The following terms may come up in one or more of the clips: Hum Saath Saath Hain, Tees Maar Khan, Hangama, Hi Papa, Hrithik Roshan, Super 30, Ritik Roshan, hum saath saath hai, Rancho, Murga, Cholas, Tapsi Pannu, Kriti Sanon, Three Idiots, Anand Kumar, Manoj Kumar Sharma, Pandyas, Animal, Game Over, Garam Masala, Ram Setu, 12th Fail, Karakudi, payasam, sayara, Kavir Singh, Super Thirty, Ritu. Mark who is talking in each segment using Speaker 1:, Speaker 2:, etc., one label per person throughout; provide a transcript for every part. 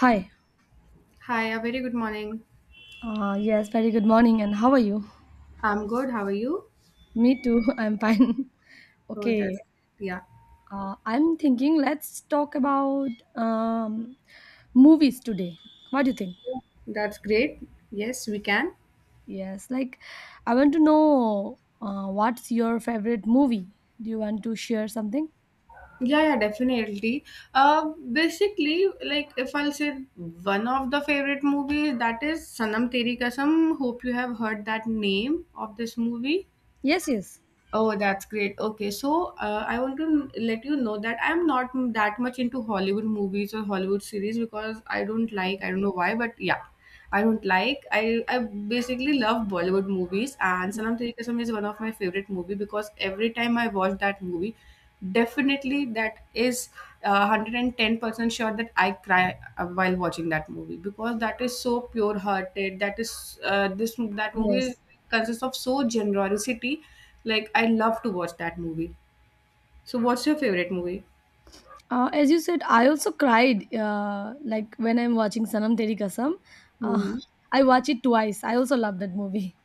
Speaker 1: Hi.
Speaker 2: Hi, a very good morning.
Speaker 1: Yes, very good morning, and how are you?
Speaker 2: I'm good. How are you?
Speaker 1: Me too. I'm fine.
Speaker 2: Oh,
Speaker 1: Okay.
Speaker 2: that's yeah,
Speaker 1: I'm thinking let's talk about movies today. What do you think?
Speaker 2: that's great. Yes, we can.
Speaker 1: Yes, like I want to know what's your favorite movie? Do you want to share something?
Speaker 2: Yeah, yeah, definitely. Basically, like if I'll say one of the favorite movies, that is Sanam Teri Kasam. Hope you have heard that name of this movie.
Speaker 1: Yes, yes.
Speaker 2: Oh, that's great. Okay, so I want to let you know that I'm not that much into Hollywood movies or Hollywood series because I don't like, I don't know why, but yeah. I don't like. I basically love Bollywood movies, and Sanam Tere Kasam is one of my favorite movie because every time I watch that movie, definitely that is 110% sure that I cry while watching that movie because that is so pure hearted. That is this that movie is,
Speaker 1: Yes.
Speaker 2: consists of so generosity. Like I love to watch that movie. So, what's your favorite
Speaker 1: As you said, I also cried like when I'm watching Sanam Teri Kasam. Uh,
Speaker 2: movie?
Speaker 1: I watch it twice. I also love that movie.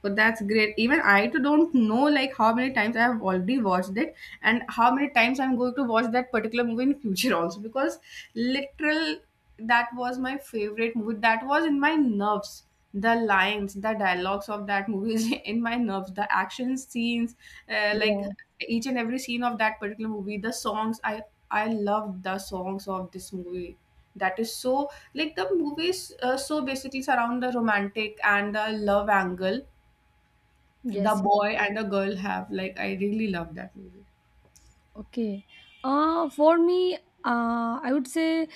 Speaker 2: But that's great. Even I too don't know like how many times I have already watched it, and how many times I'm going to watch that particular movie in future also, because literal that was my favorite movie. That was in my nerves. The lines, the dialogues of that movie is in my nerves. The action scenes, like
Speaker 1: Yeah.
Speaker 2: each and every scene of that particular movie. The songs, I love the songs of this movie. That is so, like, the movies, so basically surround the romantic and the love angle the
Speaker 1: Yes.
Speaker 2: boy and the girl have. Like, I really love that movie.
Speaker 1: Okay. For me, I would say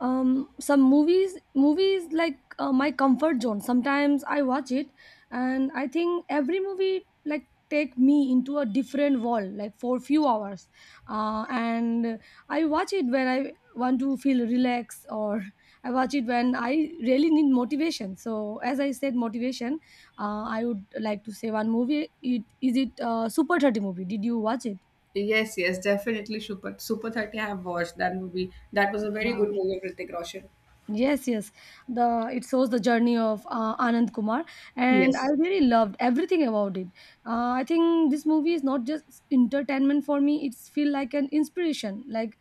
Speaker 1: some movies. Movies like my comfort zone. Sometimes I watch it, and I think every movie like take me into a different world, like for few hours. And I watch it when I want to feel relaxed, or I watch it when I really need motivation. So, as I said, motivation. I would like to say one movie. It is it Super 30 movie. Did you watch
Speaker 2: Yes, yes, definitely, Super 30, I have watched that movie. That was
Speaker 1: it?
Speaker 2: a very good movie of Hrithik Roshan.
Speaker 1: Yes, yes. The It shows the journey of Anand Kumar, and I
Speaker 2: Yes.
Speaker 1: really loved everything about it. I think this movie is not just entertainment for me; it's feel like an inspiration. Like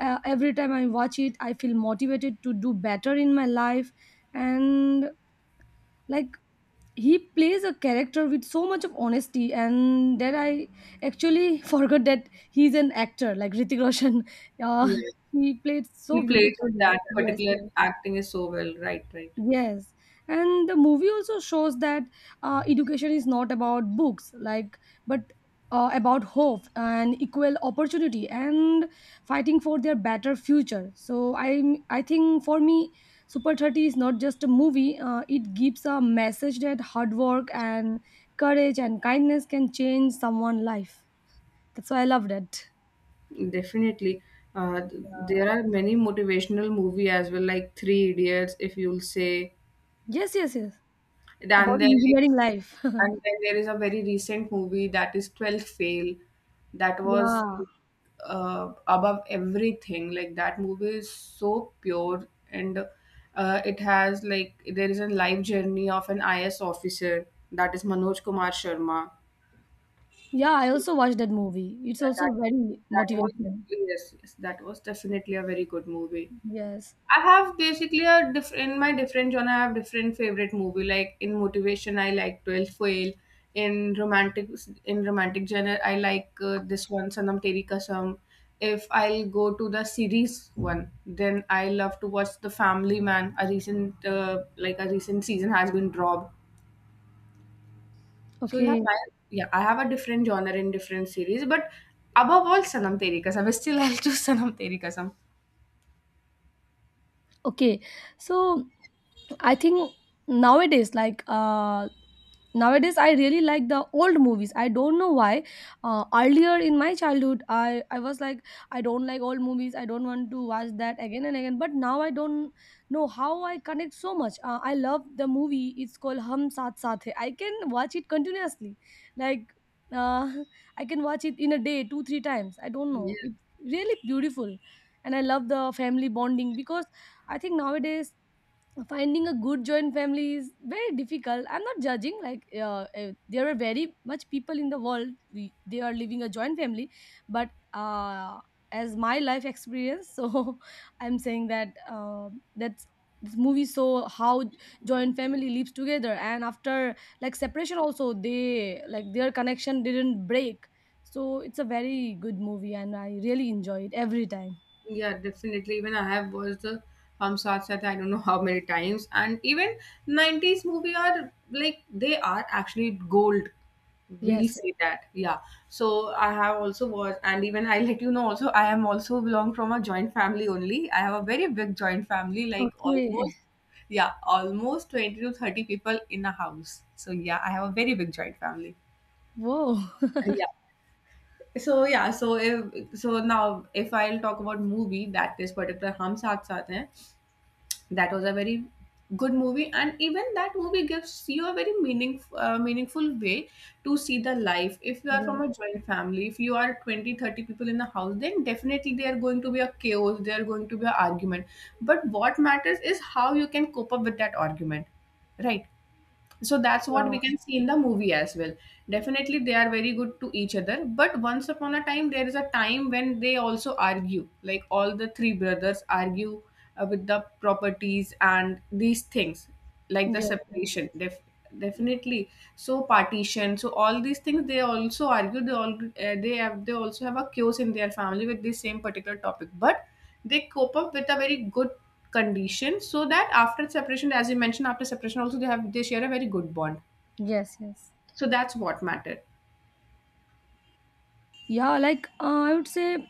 Speaker 1: every time I watch it, I feel motivated to do better in my life, and like he plays a character with so much of honesty, and that I actually forgot that he's an actor, like Ritik Roshan.
Speaker 2: Yeah.
Speaker 1: He played so
Speaker 2: He played
Speaker 1: beautifully.
Speaker 2: That
Speaker 1: Yes,
Speaker 2: particular
Speaker 1: yes.
Speaker 2: acting is so well. Right, right.
Speaker 1: Yes, and the movie also shows that education is not about books, like, but about hope and equal opportunity and fighting for their better future. So I think for me, Super 30 is not just a movie. It gives a message that hard work and courage and kindness can change someone's life. That's why I loved it.
Speaker 2: Definitely. Uh, th-
Speaker 1: Uh,
Speaker 2: there are many motivational movie as well, like Three Idiots, if you'll say.
Speaker 1: yes, yes, yes.
Speaker 2: And then
Speaker 1: About
Speaker 2: there's,
Speaker 1: engineering life.
Speaker 2: and then there is a very recent movie that is 12th Fail, that was
Speaker 1: Yeah.
Speaker 2: above everything. Like, that movie is so pure, and it has, like, there is a life journey of an IS officer, that is Manoj Kumar Sharma.
Speaker 1: Yeah, I
Speaker 2: So
Speaker 1: also watched that movie. It's
Speaker 2: yeah,
Speaker 1: also
Speaker 2: that
Speaker 1: very
Speaker 2: that was
Speaker 1: motivational.
Speaker 2: yes, yes, that was definitely a very good movie.
Speaker 1: Yes.
Speaker 2: I have basically in my different genre, I have different favorite movie. Like in motivation, I like 12th Fail. In romantic in romantic genre, I like this one, Sanam Teri Kasam. If I'll go to the series one, then I love to watch The Family Man. A recent season has been dropped. So yeah,
Speaker 1: Okay.
Speaker 2: yeah, I have a different genre in different series, but above all, Sanam Teri Kasam. Still, I'll choose Sanam Teri Kasam.
Speaker 1: Okay, so I think nowadays like nowadays I really like the old movies. I don't know why. Earlier in my childhood, I was like, I don't like old movies, I don't want to watch that again and again, but now I don't know how I connect so much. I love the movie, it's called Hum Saath Saath Hai. I can watch it continuously. Like uh, I can watch it in a day two three times. I don't know, it's really beautiful, and I love the family bonding because I think nowadays finding a good joint family is very difficult. I'm not judging. Like there are very much people in the world, they are living a joint family, but as my life experience, so I'm saying that that's this movie saw how joint family lives together and after like separation also, they like their connection didn't break. So it's a very good movie and I really enjoy it every time.
Speaker 2: Yeah, definitely. Even I have watched the Hum Saath Saath, I don't know how many times. And even 90s movie are, like, they are actually gold. We'll
Speaker 1: Yes.
Speaker 2: say that. Yeah. So I have also watched, and even I let you know also, I am also belong from a joint family only. I have a very big joint family, like
Speaker 1: Okay.
Speaker 2: almost yeah, almost 20 to 30 people in a house. So yeah, I have a very big joint family.
Speaker 1: Whoa.
Speaker 2: Yeah. So yeah, so now if I'll talk about movie that is particular Hum Saath Saath Hain, that was a very good movie, and even that movie gives you a very meaningful way to see the life. If you are
Speaker 1: Yes.
Speaker 2: from a joint family, if you are 20 30 people in the house, then definitely there are going to be a chaos, there are going to be an argument. But what matters is how you can cope up with that argument, right? So that's what
Speaker 1: Yeah.
Speaker 2: we can see in the movie as well. Definitely, they are very good to each other, but once upon a time, there is a time when they also argue, like all the three brothers argue with the properties and these things, like the
Speaker 1: Yes. Yes.
Speaker 2: separation. Definitely. So partition, so all these things, they also argue, they all, they also have a chaos in their family with this same particular topic. But they cope up with a very good condition, so that after separation, as you mentioned, after separation also, they share a very good bond.
Speaker 1: Yes. Yes.
Speaker 2: So that's what mattered.
Speaker 1: Yeah, like I would say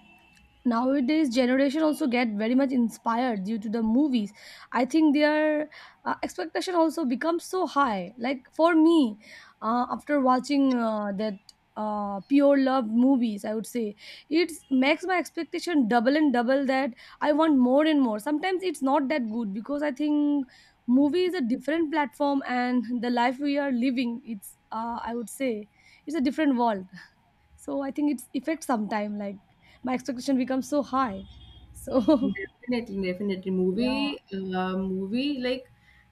Speaker 1: nowadays generation also get very much inspired due to the movies. I think their expectation also becomes so high. Like for me, after watching that pure love movies, I would say it makes my expectation double and double, that I want more and more. Sometimes it's not that good, because I think movie is a different platform and the life we are living, it's I would say, it's a different world. So I think it's effect sometime, like my expectation becomes so high. So
Speaker 2: Definitely, definitely,
Speaker 1: yeah.
Speaker 2: movie uh, movie like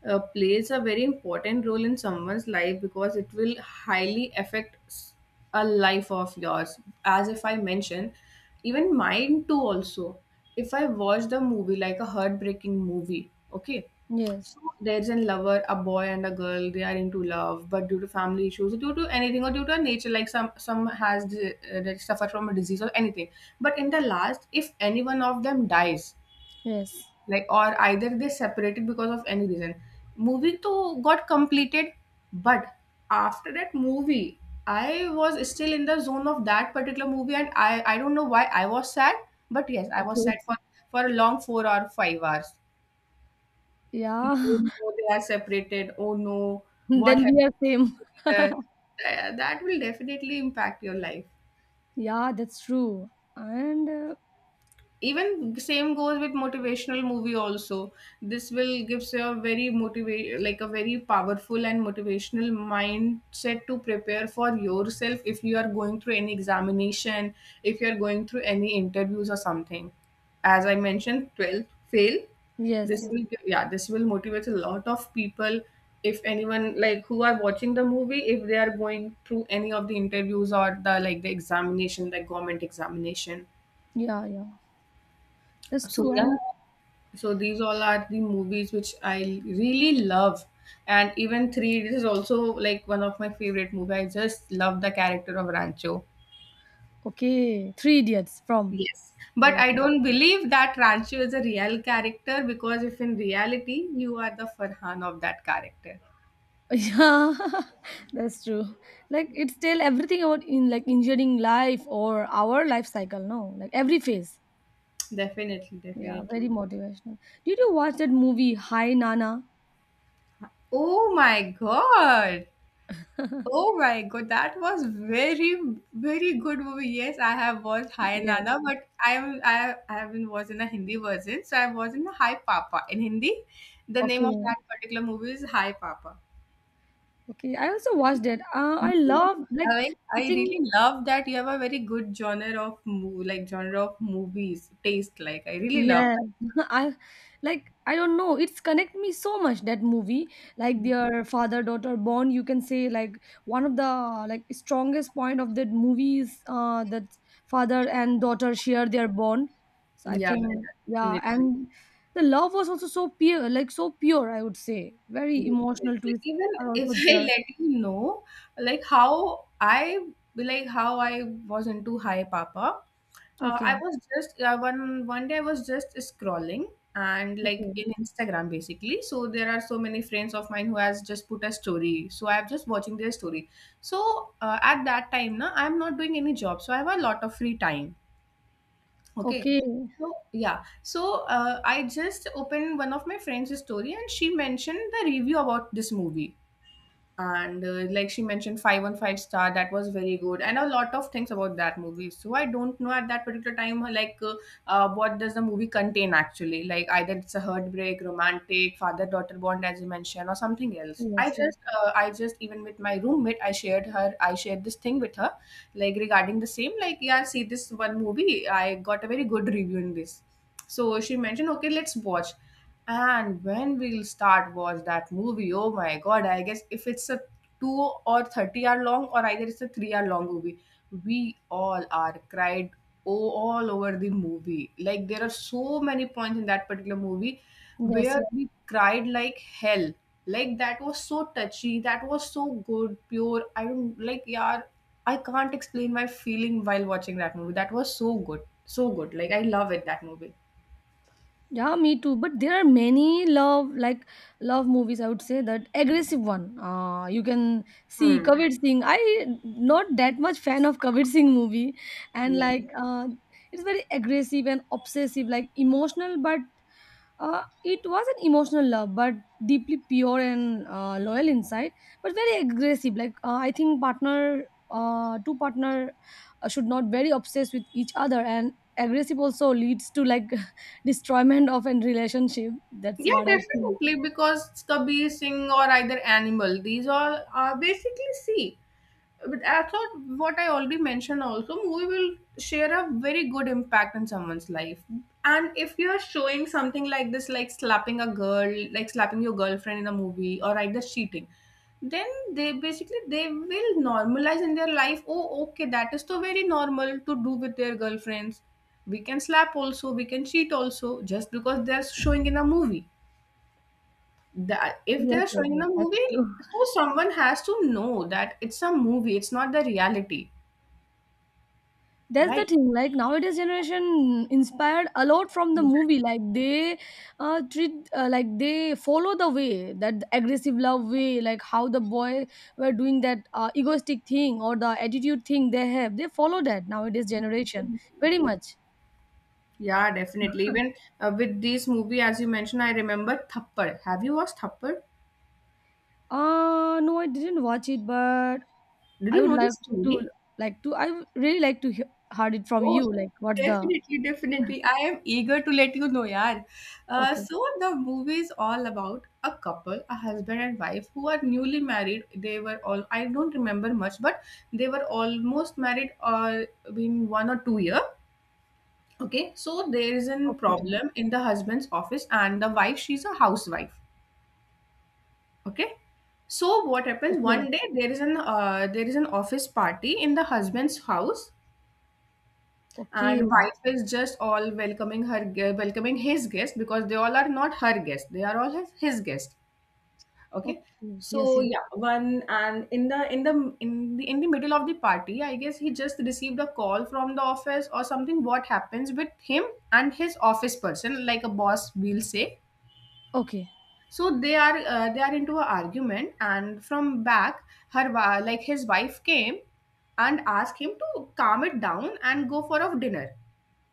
Speaker 2: uh, plays a very important role in someone's life, because it will highly affect a life of yours. As if I mentioned, even mine too also, if I watch the movie, like a heartbreaking movie, okay.
Speaker 1: Yes,
Speaker 2: So there's a lover, a boy and a girl. They are into love, but due to family issues, due to anything, or due to nature, like some that suffer from a disease or anything. But in the last, if any one of them dies,
Speaker 1: yes.
Speaker 2: like, or either they separated because of any reason, movie to got completed. But after that movie, I was still in the zone of that particular movie, and I don't know why I was sad, but yes, I was
Speaker 1: Okay.
Speaker 2: sad for a long 4 or 5 hours. कि "Oh
Speaker 1: Yeah,
Speaker 2: no, they are separated. Oh no,
Speaker 1: then
Speaker 2: what
Speaker 1: we are same.
Speaker 2: happened together?" That will definitely impact your life.
Speaker 1: Yeah, that's true. And
Speaker 2: Even same goes with motivational movie also. This will gives you a very motivate, like a very powerful and motivational mindset to prepare for yourself, if you are going through any examination, if you are going through any interviews or something. As I mentioned, 12th fail,
Speaker 1: yes, yes.
Speaker 2: yeah, this will motivate a lot of people. If anyone, like, who are watching the movie, if they are going through any of the interviews, or, the like, the examination, the government examination.
Speaker 1: Yeah. Yeah, that's
Speaker 2: So
Speaker 1: true.
Speaker 2: yeah,
Speaker 1: And
Speaker 2: so these all are the movies which I really love. And even three, this is also like one of my favorite movie. I just love the character of Rancho.
Speaker 1: okay, Three Idiots from.
Speaker 2: Yes. But
Speaker 1: Yes.
Speaker 2: I don't believe that Rancho is a real character, because if in reality you are the Farhan of that character.
Speaker 1: Yeah. That's true. Like it's tell everything about in like engineering life or our life cycle, no, like every phase.
Speaker 2: Definitely,
Speaker 1: Yeah, very
Speaker 2: definitely.
Speaker 1: motivational. Did you watch that movie, Hi Nana?
Speaker 2: Oh my god. Oh my god, that was very, very good movie. Yes, I have watched Hi
Speaker 1: Yeah.
Speaker 2: Nana, but I am I haven't watched in a Hindi version, so I was in the Hi Papa. In Hindi, the name of
Speaker 1: Okay.
Speaker 2: that particular movie is Hi Papa.
Speaker 1: Okay, I also watched it. I
Speaker 2: Yes.
Speaker 1: love like,
Speaker 2: I
Speaker 1: I think,
Speaker 2: really love that you have a very good genre of movie, like genre of movies taste. Like, I really love
Speaker 1: yeah.
Speaker 2: that.
Speaker 1: I like I don't know, it's connect me so much, that movie. Like
Speaker 2: Mhm.
Speaker 1: their father daughter bond. You can say like one of the, like, strongest point of that movie is that father and daughter share their bond. So I
Speaker 2: Yeah,
Speaker 1: think,
Speaker 2: yeah,
Speaker 1: yeah,
Speaker 2: definitely.
Speaker 1: and the love was also so pure, like so pure. I would say very emotional
Speaker 2: Definitely.
Speaker 1: twists
Speaker 2: Even
Speaker 1: are also
Speaker 2: if I
Speaker 1: there.
Speaker 2: let you know, like how I, was into Hi Papa. I
Speaker 1: Okay.
Speaker 2: was just one day, I was just scrolling, and, like,
Speaker 1: Okay.
Speaker 2: in Instagram basically. So there are so many friends of mine who has just put a story. So I'm just watching their story. So at that time, na, I'm not doing any job, so I have a lot of free time. Okay.
Speaker 1: Okay.
Speaker 2: So yeah, so I just opened one of my friend's story, and she mentioned the review about this movie, and like she mentioned 5 on 5 star, that was very good, and a lot of things about that movie. So I don't know at that particular time, what does the movie contain actually? Like, either it's a heartbreak romantic father daughter bond, as you mentioned, or something else. I
Speaker 1: Yes. Yes.
Speaker 2: just, even with my roommate, I shared her, I shared this thing with her, like regarding the same, like, yeah, see this one movie, I got a very good review in this. So she mentioned, okay, let's watch. And when we'll start watch that movie, oh my god, I guess if it's a 2 or 30 hour long, or either it's a 3 hour long movie, we all are cried. Oh, all over the movie. Like, there are so many points in that particular movie
Speaker 1: Yes,
Speaker 2: where
Speaker 1: yeah.
Speaker 2: we cried like hell. Like, that was so touchy, that was so good, pure. I don't like, yeah, I can't explain my feeling while watching that movie. That was so good. So good. Like, I love it that movie.
Speaker 1: Yeah, me too. But there are many love, like love movies. I would say that aggressive one. You can see
Speaker 2: Hmm.
Speaker 1: Kavir Singh. I not that much fan of Kavir Singh movie, and
Speaker 2: Yeah.
Speaker 1: like it's very aggressive and obsessive, like emotional but, it was an emotional love, but deeply pure and loyal inside, but very aggressive. Like I think partner, two partner should not very obsessed with each other, and aggressive also leads to like destroyment of a relationship. That's
Speaker 2: Yeah,
Speaker 1: what I think.
Speaker 2: definitely, because Kabir Singh or either Animal, these all are basically, see. But I thought, what I already mentioned also, movie will share a very good impact on someone's life. And if you're showing something like this, like slapping a girl, like slapping your girlfriend in a movie, or either cheating, then they basically they will normalize in their life. Oh, okay, that is so very normal to do with their girlfriends. We can slap also, we can cheat also, just because they're showing in a movie, that if
Speaker 1: Yes,
Speaker 2: they're
Speaker 1: yes,
Speaker 2: showing
Speaker 1: yes,
Speaker 2: a
Speaker 1: that's
Speaker 2: movie,
Speaker 1: true.
Speaker 2: so someone has to know that it's a movie, it's not the reality,
Speaker 1: That's the
Speaker 2: right?
Speaker 1: thing, like nowadays generation inspired a lot from the
Speaker 2: Exactly.
Speaker 1: movie, like they treat, like they follow the way, that aggressive love way, like how the boy were doing that egoistic thing or the attitude thing they have, they follow that nowadays generation very much.
Speaker 2: Yeah, definitely. Even with this movie, as you mentioned, I remember Thappad. Have you watched Thappad?
Speaker 1: No, I didn't watch it, but
Speaker 2: Did
Speaker 1: i
Speaker 2: you
Speaker 1: would
Speaker 2: know the
Speaker 1: like to
Speaker 2: story?
Speaker 1: I would really like to hear heard it from
Speaker 2: Oh,
Speaker 1: you, like what's the.
Speaker 2: definitely, definitely. I am eager to let you know, yaar. Uh,
Speaker 1: Okay.
Speaker 2: so the movie is all about a couple, a husband and wife who are newly married. They were all I don't remember much, but they were almost married in 1 or 2 year. Okay, so there is a
Speaker 1: Okay.
Speaker 2: problem in the husband's office, and the wife, she's a housewife. Okay, so what happens
Speaker 1: Okay.
Speaker 2: one day there is an office party in the husband's house, and
Speaker 1: Okay.
Speaker 2: wife is just all welcoming welcoming his guest because they all are not her guest; they are all his guest. Okay.
Speaker 1: Okay. Yes,
Speaker 2: So
Speaker 1: yes.
Speaker 2: yeah, one and in the middle of the party, I guess he just received a call from the office or something. What happens with him and his office person, like a boss, we'll say.
Speaker 1: okay
Speaker 2: So they are into an argument, and from back, like his wife came and asked him to calm it down and go for a dinner,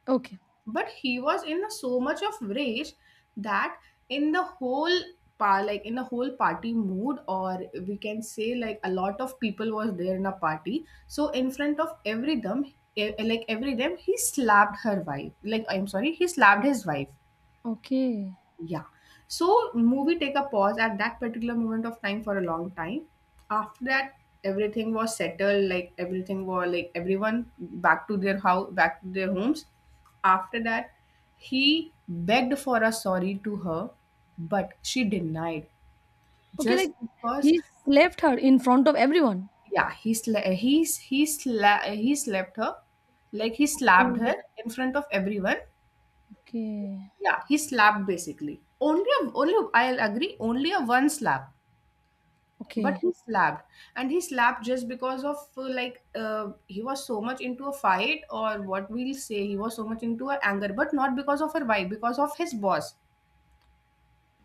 Speaker 1: okay.
Speaker 2: but he was in so much of rage that in like in the whole party mood, or we can say like a lot of people was there in a party, so in front of every them, like every them, he slapped her wife. Like, I'm sorry, he slapped his wife,
Speaker 1: Okay.
Speaker 2: yeah. So movie take a pause at that particular moment of time for a long time. After that, everything was settled. Like everything was like everyone back to their house, back to their homes. After that, he begged for a sorry to her, but she denied
Speaker 1: Okay,
Speaker 2: just
Speaker 1: like
Speaker 2: because.
Speaker 1: he left her in front of everyone.
Speaker 2: Yeah, he slapped her, like he slapped her
Speaker 1: Mm.
Speaker 2: in front of everyone.
Speaker 1: Okay.
Speaker 2: Yeah, he slapped basically. Only I'll agree. Only a one slap, but
Speaker 1: Okay.
Speaker 2: he slapped, and he slapped just because of he was so much into a fight, or what we'll say, he was so much into a anger, but not because of her wife, because of his boss.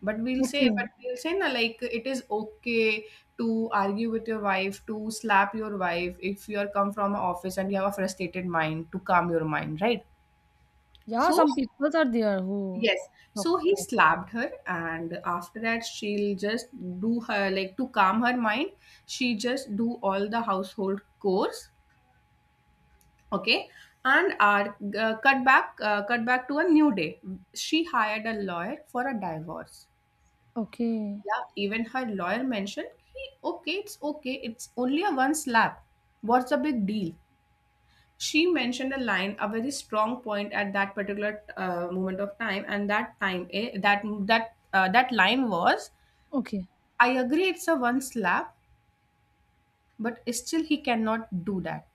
Speaker 2: But we'll say,
Speaker 1: Okay.
Speaker 2: na, like it is okay to argue with your wife, to slap your wife, if you are come from an office and you have a frustrated mind, to calm your mind, right?
Speaker 1: Yeah,
Speaker 2: So,
Speaker 1: some people are there who
Speaker 2: yes.
Speaker 1: talk
Speaker 2: So he
Speaker 1: like.
Speaker 2: slapped her, and after that, she'll just do her, like to calm her mind. She just do all the household chores, okay, and cut back to a new day. She hired a lawyer for a divorce.
Speaker 1: Okay.
Speaker 2: Yeah, even her lawyer mentioned, he, okay, it's only a one slap. What's the big deal? She mentioned a line, a very strong point at that particular moment of time, and that time, that line was,
Speaker 1: Okay.
Speaker 2: I agree it's a one slap, but still he cannot do that.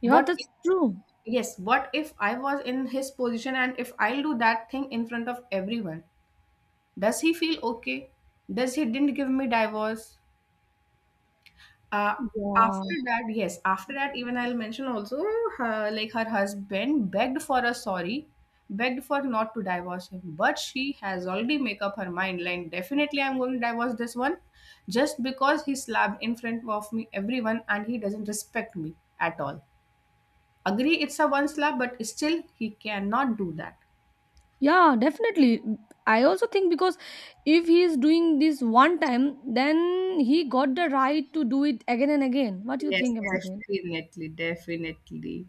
Speaker 1: Yeah,
Speaker 2: What
Speaker 1: that's
Speaker 2: if,
Speaker 1: true.
Speaker 2: yes, what if I was in his position, and if I'll do that thing in front of everyone, does he feel okay? Does he didn't give me divorce? Uh,
Speaker 1: Yeah.
Speaker 2: After that, yes, after that, even I'll mention also, like her husband begged for a sorry, begged for not to divorce him, but she has already make up her mind, like definitely I'm going to divorce this one, just because he slapped in front of me everyone and he doesn't respect me at all. Agree, it's a one slap, but still he cannot do that.
Speaker 1: Yeah, definitely. I also think, because if he is doing this one time, then he got the right to do it again and again. What do you
Speaker 2: Yes,
Speaker 1: think about it?
Speaker 2: definitely, definitely.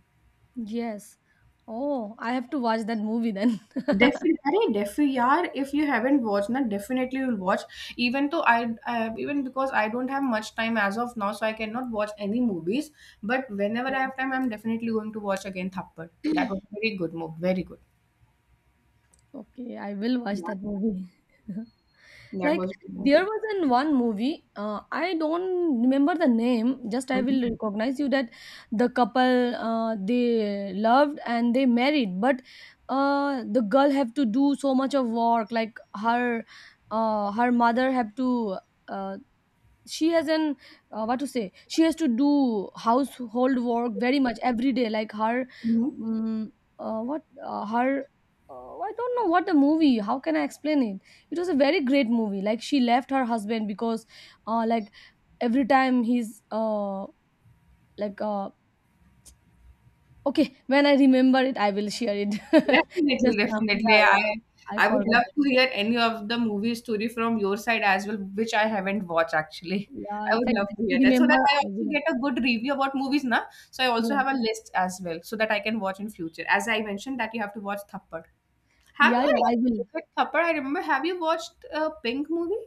Speaker 1: Yes. Oh, I have to watch that movie then.
Speaker 2: Definitely, अरे defi, if you haven't watched ना, definitely you'll watch. Even though I, even because I don't have much time as of now, so I cannot watch any movies, but whenever
Speaker 1: Yeah.
Speaker 2: I have time, I'm definitely going to watch again Thappad. That was a very good movie, very good.
Speaker 1: Okay, I will watch
Speaker 2: Yeah,
Speaker 1: that movie.
Speaker 2: that
Speaker 1: Like
Speaker 2: was good movie.
Speaker 1: there was an one movie, I don't remember the name, just I
Speaker 2: Mhm.
Speaker 1: will recognize you that the couple they loved and they married, but the girl have to do so much of work, like her her mother have to, uh, she has an what to say, she has to do household work very much every day like her,
Speaker 2: Mhm.
Speaker 1: mm what her I don't know what the movie, how can I explain it. It was a very great movie, like she left her husband because like every time he's, like uh, okay, when I remember it I will share it.
Speaker 2: Definitely,
Speaker 1: Just now,
Speaker 2: definitely.
Speaker 1: yeah, yeah,
Speaker 2: I
Speaker 1: I
Speaker 2: I would
Speaker 1: forgot
Speaker 2: love
Speaker 1: it.
Speaker 2: to hear any of the movie story from your side as well, which I haven't watched actually.
Speaker 1: Yeah,
Speaker 2: I
Speaker 1: if
Speaker 2: would
Speaker 1: I
Speaker 2: love
Speaker 1: get
Speaker 2: to
Speaker 1: to
Speaker 2: hear that so that
Speaker 1: remember
Speaker 2: I
Speaker 1: I
Speaker 2: also
Speaker 1: will.
Speaker 2: get a good review about movies, na? So I also
Speaker 1: Yeah,
Speaker 2: have a list as well so that I can watch in future. As I mentioned that you have to watch Thappad. Have
Speaker 1: yeah,
Speaker 2: you?
Speaker 1: yeah,
Speaker 2: Oh,
Speaker 1: I will.
Speaker 2: yeah, Thappad. I remember. Have you watched Pink movie?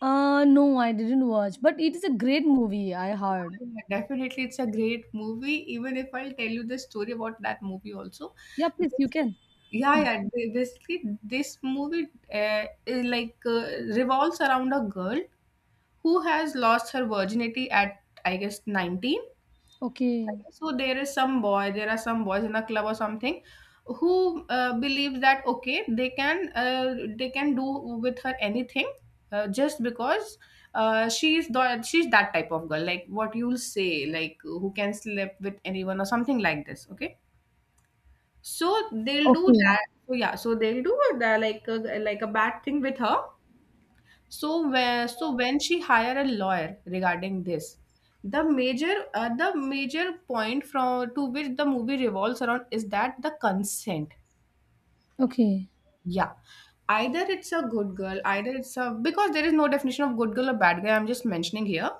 Speaker 1: No, I didn't watch, but it is a great movie, I heard.
Speaker 2: Yeah, definitely, it's a great movie. Even if I'll tell you the story about that movie also,
Speaker 1: Yeah, please, you
Speaker 2: Basically-
Speaker 1: can.
Speaker 2: yeah, yeah. Basically, this movie is like revolves around a girl who has lost her virginity at, I guess, 19.
Speaker 1: Okay.
Speaker 2: So there is some boy there are some boys in a club or something who believes that okay they can they can do with her anything, just because, she's she's that type of girl, like what you'll say, like who can sleep with anyone or something like this, okay. So they'll do
Speaker 1: Okay.
Speaker 2: that. So yeah, so they'll do like a bad thing with her. So, so when she hire a lawyer regarding this, the major point from to which the movie revolves around is that the consent.
Speaker 1: Okay.
Speaker 2: Yeah, either it's a good girl, either it's a, because there is no definition of good girl or bad guy. I'm just mentioning here.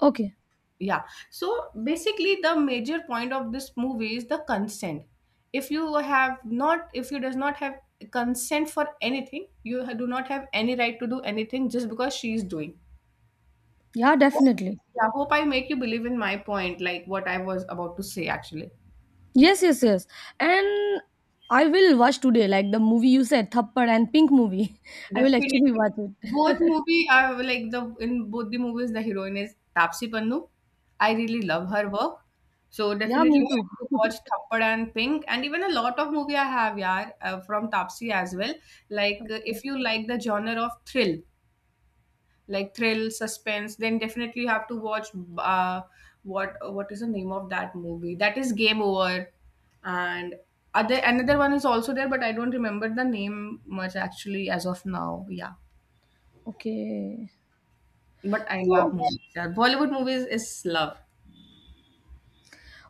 Speaker 1: Okay.
Speaker 2: Yeah. So basically, the major point of this movie is the consent. If you does not have consent for anything, you do not have any right to do anything just because she is doing.
Speaker 1: Yeah, definitely.
Speaker 2: Yeah, hope I make you believe in my point, like what I was about to say actually.
Speaker 1: Yes, yes, yes. And I will watch today, like the movie you said, Thappad and Pink movie. I will actually
Speaker 2: Definitely.
Speaker 1: watch it.
Speaker 2: Both movie are like the in both the movies the heroine is Tapsi Pannu. I really love her work. So
Speaker 1: Yeah, me
Speaker 2: definitely yeah.
Speaker 1: too.
Speaker 2: Have to watch Thappad and Pink, and even a lot of movie I have, yaar, from Tapsi as well. Like,
Speaker 1: Okay.
Speaker 2: if you like the genre of thrill, like thrill, suspense, then definitely you have to watch, uh, what is the name of that movie? That is Game Over, and other another one is also there, but I don't remember the name much actually as of now. Yeah,
Speaker 1: Okay.
Speaker 2: but I love
Speaker 1: So,
Speaker 2: movies. Yeah. Bollywood movies is love.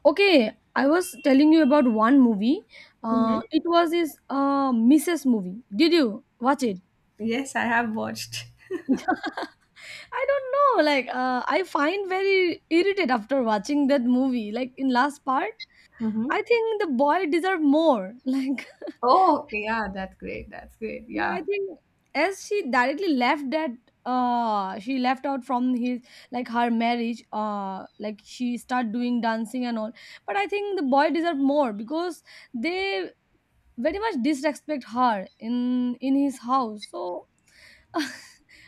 Speaker 1: okay, I was telling you about one movie.
Speaker 2: Hmm.
Speaker 1: It was this Mrs. movie. Did you watch it?
Speaker 2: Yes, I have watched.
Speaker 1: I don't know. Like, I find very irritated after watching that movie. Like in last part,
Speaker 2: Hmm.
Speaker 1: I think the boy deserved more. Like,
Speaker 2: Oh, okay, yeah, that's great. That's great.
Speaker 1: yeah, I
Speaker 2: Yeah.
Speaker 1: think as she directly left that, she left out from his, like, her marriage. Like she start doing dancing and all. But I think the boy deserved more because they very much disrespect her in his house. So.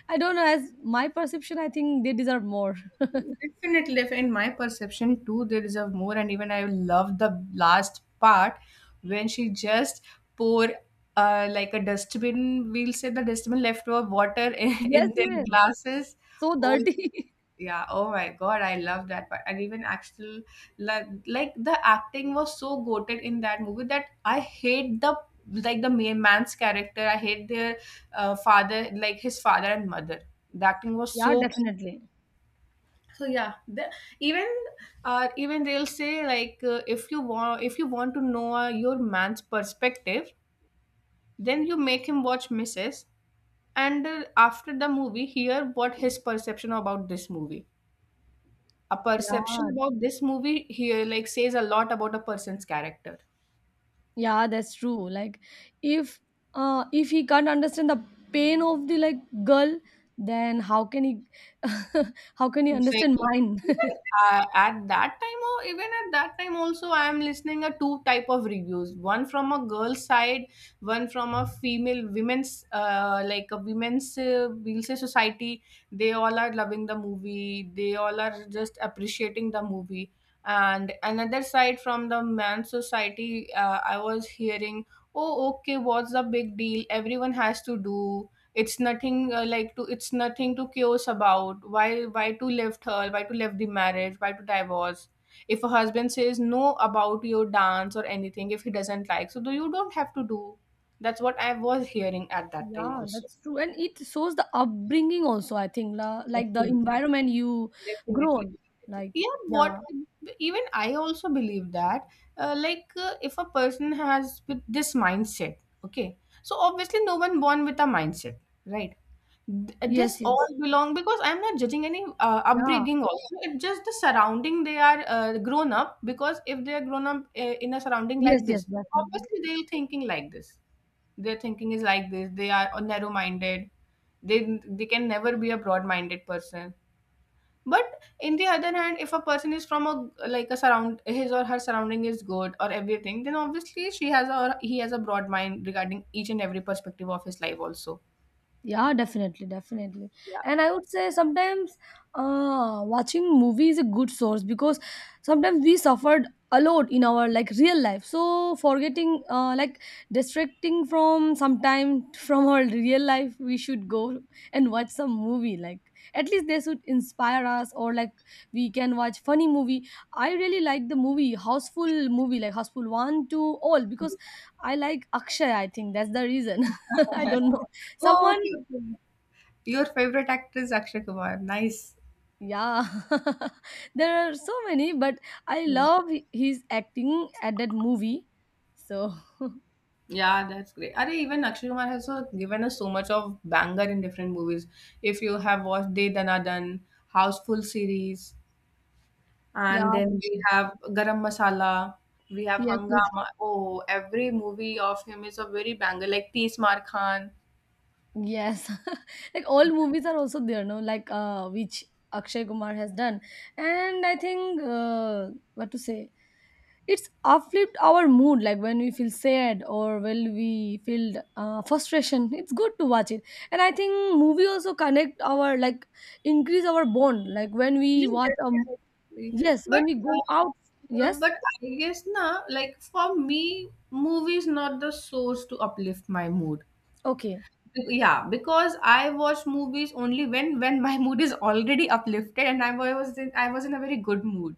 Speaker 1: I don't know. As my perception, I think they deserve more.
Speaker 2: Definitely, in my perception too, they deserve more. And even I love the last part when she just pour like a dustbin. We'll say the dustbin leftover water in,
Speaker 1: Yes,
Speaker 2: in their
Speaker 1: yes.
Speaker 2: glasses.
Speaker 1: So
Speaker 2: Oh
Speaker 1: dirty.
Speaker 2: yeah! Oh my God! I love that part. And even actual, like the acting was so goated in that movie that I hate the, like the main man's character. I hate their father, like his father and mother. The acting was
Speaker 1: Yeah,
Speaker 2: so,
Speaker 1: definitely.
Speaker 2: so yeah the, even, even they'll say like, if you want to know your man's perspective, then you make him watch Mrs., and after the movie hear what his perception about this movie, a perception
Speaker 1: Yeah,
Speaker 2: about this movie here, like says a lot about a person's character.
Speaker 1: yeah, that's true. Like if if he can't understand the pain of the, like, girl, then how can he how can he understand
Speaker 2: Exactly.
Speaker 1: mine?
Speaker 2: Even, at that time, or even at that time, also I am listening a two type of reviews. One from a girl's side, one from a female women's, like a women's we'll say society. They all are loving the movie. They all are just appreciating the movie. And another side from the man's society, I was hearing, oh okay, what's the big deal? Everyone has to do. It's nothing, like to it's nothing to curse about. Why, to left her? Why to left the marriage? Why to divorce? If a husband says no about your dance or anything, if he doesn't like, so do you don't have to do. That's what I was hearing at that time
Speaker 1: Yeah,
Speaker 2: also.
Speaker 1: that's true. And it shows the upbringing also, I think, la, like the
Speaker 2: Definitely.
Speaker 1: environment you
Speaker 2: Definitely.
Speaker 1: grown.
Speaker 2: Definitely.
Speaker 1: Like,
Speaker 2: Yeah, what,
Speaker 1: yeah.
Speaker 2: even I also believe that, if a person has with this mindset, okay, so obviously no one born with a mindset, right?
Speaker 1: Yes,
Speaker 2: This all
Speaker 1: yes.
Speaker 2: belong because I'm not judging any
Speaker 1: Yeah.
Speaker 2: upbringing also, it's just the surrounding they are grown up, because if they are grown up in a surrounding
Speaker 1: Yes,
Speaker 2: like
Speaker 1: yes,
Speaker 2: this,
Speaker 1: definitely.
Speaker 2: obviously they're thinking like this, their thinking is like this, they are narrow minded, they can never be a broad minded person. But in the other hand, if a person is from a like a surround, his or her surrounding is good or everything, then obviously she has a, or he has a broad mind regarding each and every perspective of his life also.
Speaker 1: Yeah, definitely, definitely. And I would say sometimes watching movie is a good source, because sometimes we suffered a lot in our like real life. So forgetting, like distracting from sometime from our real life, we should go and watch some movie. Like at least they should inspire us, or like we can watch funny movie. I really like the movie Houseful movie, like Houseful one, two, all because I like Akshay. I think that's the reason. I
Speaker 2: Yeah.
Speaker 1: don't know.
Speaker 2: Oh,
Speaker 1: Someone.
Speaker 2: okay, okay. Your favorite actor is Akshay Kumar. Nice.
Speaker 1: Yeah, there are so many, but I
Speaker 2: Hmm.
Speaker 1: love his acting at that movie. So,
Speaker 2: Yeah, that's great. Are even Akshay Kumar has also given us so much of banger in different movies. If you have watched De Dana Dhan, Houseful series,
Speaker 1: yeah,
Speaker 2: and then we have Garam Masala, we have
Speaker 1: yes, yes,
Speaker 2: Hangama. Oh, every movie of him is a very banger, like Tees Maar Khan.
Speaker 1: yes. Like all movies are also there, no? Like which Akshay Kumar has done, and I think what to say, it's uplift our mood. Like when we feel sad or when we feel frustration, it's good to watch it. And I think movie also connect our, like, increase our bond. Like when we
Speaker 2: Yeah,
Speaker 1: watch a.
Speaker 2: definitely.
Speaker 1: Yes,
Speaker 2: But
Speaker 1: when we go out,
Speaker 2: uh,
Speaker 1: yes,
Speaker 2: but I guess na like for me, movie is not the source to uplift my mood.
Speaker 1: okay.
Speaker 2: Yeah, because I watch movies only when my mood is already uplifted and I was in a very good mood.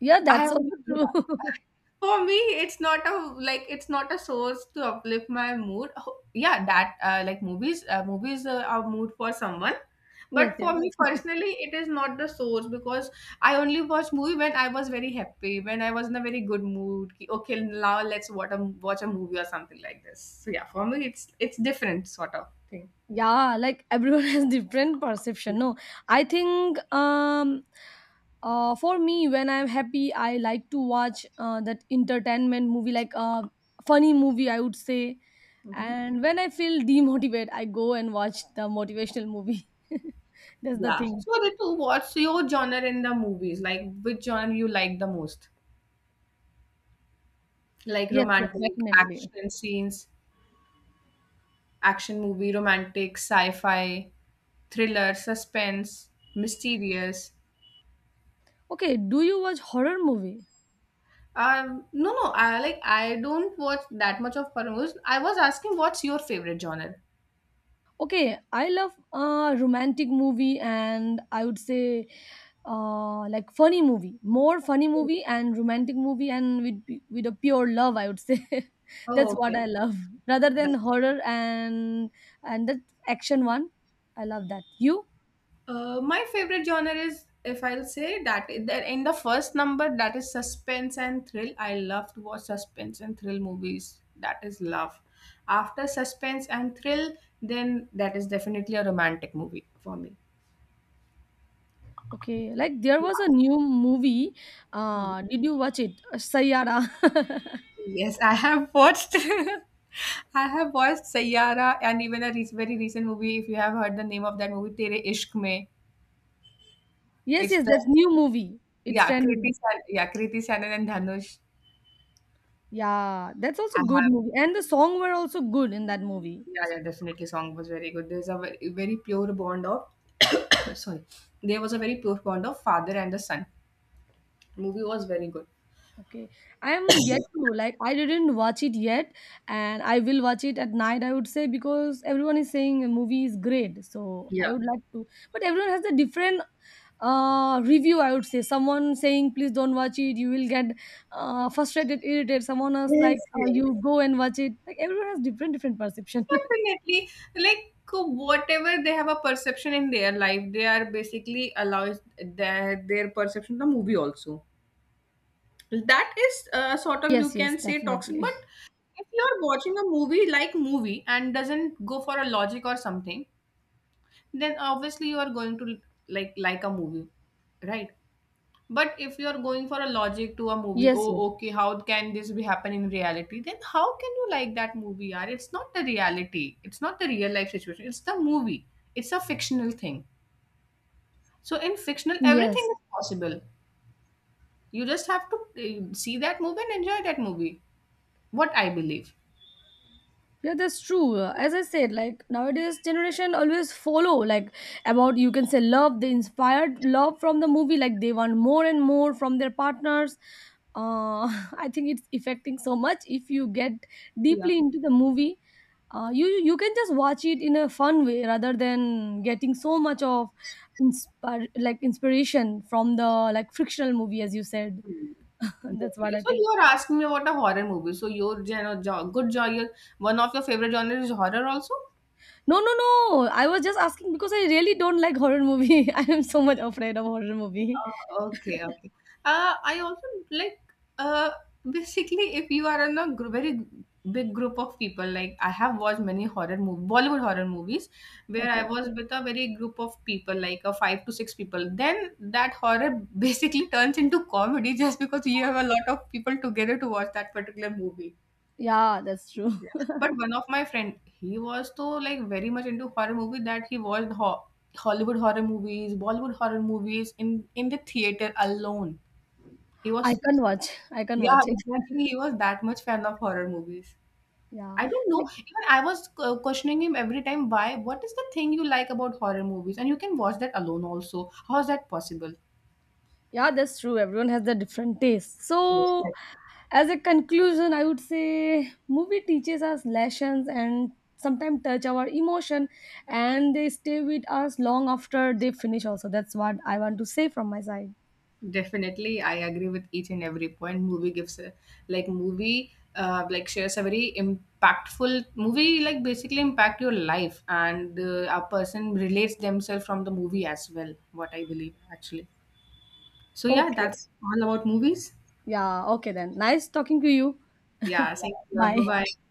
Speaker 1: Yeah,
Speaker 2: I
Speaker 1: that's also
Speaker 2: yeah.
Speaker 1: true.
Speaker 2: For me, it's not a like it's not a source to uplift my mood. Yeah, that like movies are mood for someone,
Speaker 1: Yes,
Speaker 2: but
Speaker 1: yes.
Speaker 2: for me personally, it is not the source because I only watch movie when I was very happy, when I was in a very good mood. Ki, okay, now let's watch a movie or something like this. So yeah, for me, it's different sort of thing.
Speaker 1: Yeah, like everyone has different perception. No, I think for me when I'm happy, I like to watch that entertainment movie, like a funny movie I would say.
Speaker 2: Mm-hmm.
Speaker 1: And when I feel demotivated, I go and watch the motivational movie. That's the
Speaker 2: Yeah.
Speaker 1: thing.
Speaker 2: So Ritu, what's your genre in the movies? Like which genre you like the most? Like
Speaker 1: Yes, yes,
Speaker 2: romantic,
Speaker 1: definitely.
Speaker 2: action scenes, action movie, romantic, sci-fi, thriller, suspense, mysterious.
Speaker 1: Okay, do you watch horror movie?
Speaker 2: No, no. I don't watch that much of horror movies. I was asking what's your favorite genre?
Speaker 1: Okay, I love romantic movie, and I would say like funny movie, more funny movie and romantic movie and with a pure love, I would say. That's
Speaker 2: Oh,
Speaker 1: what
Speaker 2: okay.
Speaker 1: I love, rather than horror and that action one. I love that, you.
Speaker 2: My favorite genre is, if I'll say that, that in the first number, that is suspense and thrill. I love to watch suspense and thrill movies. That is love. After suspense and thrill, then that is definitely a romantic movie for me.
Speaker 1: Okay, like there was a new movie, did you watch it? Sayara?
Speaker 2: Yes, I have watched. I have watched Sayyara and even a very recent movie. If you have heard the name of that movie, Tere Ishq Mein,
Speaker 1: Yes,
Speaker 2: it's
Speaker 1: yes,
Speaker 2: the
Speaker 1: that's new movie, it's
Speaker 2: yeah
Speaker 1: trending.
Speaker 2: Yeah Kriti Sanon and Dhanush.
Speaker 1: Yeah, that's also
Speaker 2: I
Speaker 1: good
Speaker 2: have.
Speaker 1: movie and the song were also good in that movie.
Speaker 2: Yeah, yeah, definitely. Song was very good. There's a very, very pure bond of sorry, there was a very pure bond of father and the son. Movie was very good.
Speaker 1: Okay. I am yet to, like, I didn't watch it yet, and I will watch it at night I would say, because everyone is saying a movie is great. So I
Speaker 2: Yeah.
Speaker 1: would like to, but everyone has a different review I would say. Someone saying please don't watch it, you will get frustrated, irritated. Someone else like,
Speaker 2: Yes, yes.
Speaker 1: you go and watch it. Like everyone has different different perception.
Speaker 2: Definitely. Like whatever they have a perception in their life, they are basically allows their perception the movie also. That is sort of you
Speaker 1: Yes, yes,
Speaker 2: can say toxic, but
Speaker 1: definitely.
Speaker 2: if you're watching a movie and doesn't go for a logic or something, then obviously you are going to like a movie, right? But if you are going for a logic to a movie,
Speaker 1: Yes, yes.
Speaker 2: oh, okay, how can this be happen in reality? Then how can you like that movie? Are it's not the reality. It's not the real life situation. It's the movie. It's a fictional thing. So in fictional, everything
Speaker 1: Yes.
Speaker 2: is possible. You just have to see that movie and enjoy that movie. What I believe.
Speaker 1: Yeah, that's true. As I said, like nowadays generation always follow, like, about you can say love, they inspired love from the movie, like they want more and more from their partners. Uh, I think it's affecting so much if you get
Speaker 2: Yeah.
Speaker 1: deeply into the movie. You can just watch it in a fun way rather than getting so much of inspire like inspiration from the like frictional movie as you said.
Speaker 2: Hmm.
Speaker 1: That's what
Speaker 2: Definitely.
Speaker 1: I
Speaker 2: So
Speaker 1: think.
Speaker 2: you are asking me about a horror movie. So your good genre, one of your favorite genres is horror also.
Speaker 1: No, no, no, I was just asking because I really don't like horror movie. I am so much afraid of horror movie.
Speaker 2: Oh, okay, okay. I also like uh, basically if you are in a very big group of people, like I have watched many horror movie, Bollywood horror movies, where I
Speaker 1: Okay.
Speaker 2: was with a very group of people, like a five to six people. Then that horror basically turns into comedy just because you have a lot of people together to watch that particular movie.
Speaker 1: Yeah, that's true.
Speaker 2: Yeah. But one of my friend, he was so like very much into horror movie that he watched Hollywood horror movies, Bollywood horror movies in the theater alone. He was
Speaker 1: I can't watch. I can't
Speaker 2: yeah,
Speaker 1: watch it.
Speaker 2: exactly. He was that much fan of horror movies.
Speaker 1: Yeah.
Speaker 2: I don't know.
Speaker 1: Like,
Speaker 2: Even I was questioning him every time. Why? What is the thing you like about horror movies? And you can watch that alone also. How is that possible?
Speaker 1: yeah, that's true. Everyone has their different taste. So
Speaker 2: Yes.
Speaker 1: as a conclusion, I would say movie teaches us lessons and sometimes touch our emotion, and they stay with us long after they finish also. That's what I want to say from my side.
Speaker 2: Definitely, I agree with each and every point. Movie gives a like movie like shares a very impactful movie like basically impact your life and a person relates themselves from the movie as well. What I believe actually. So yeah,
Speaker 1: Okay.
Speaker 2: that's all about movies.
Speaker 1: Yeah, okay then. Nice talking to you.
Speaker 2: Yeah, thank you. Bye
Speaker 1: Bye.
Speaker 2: bye.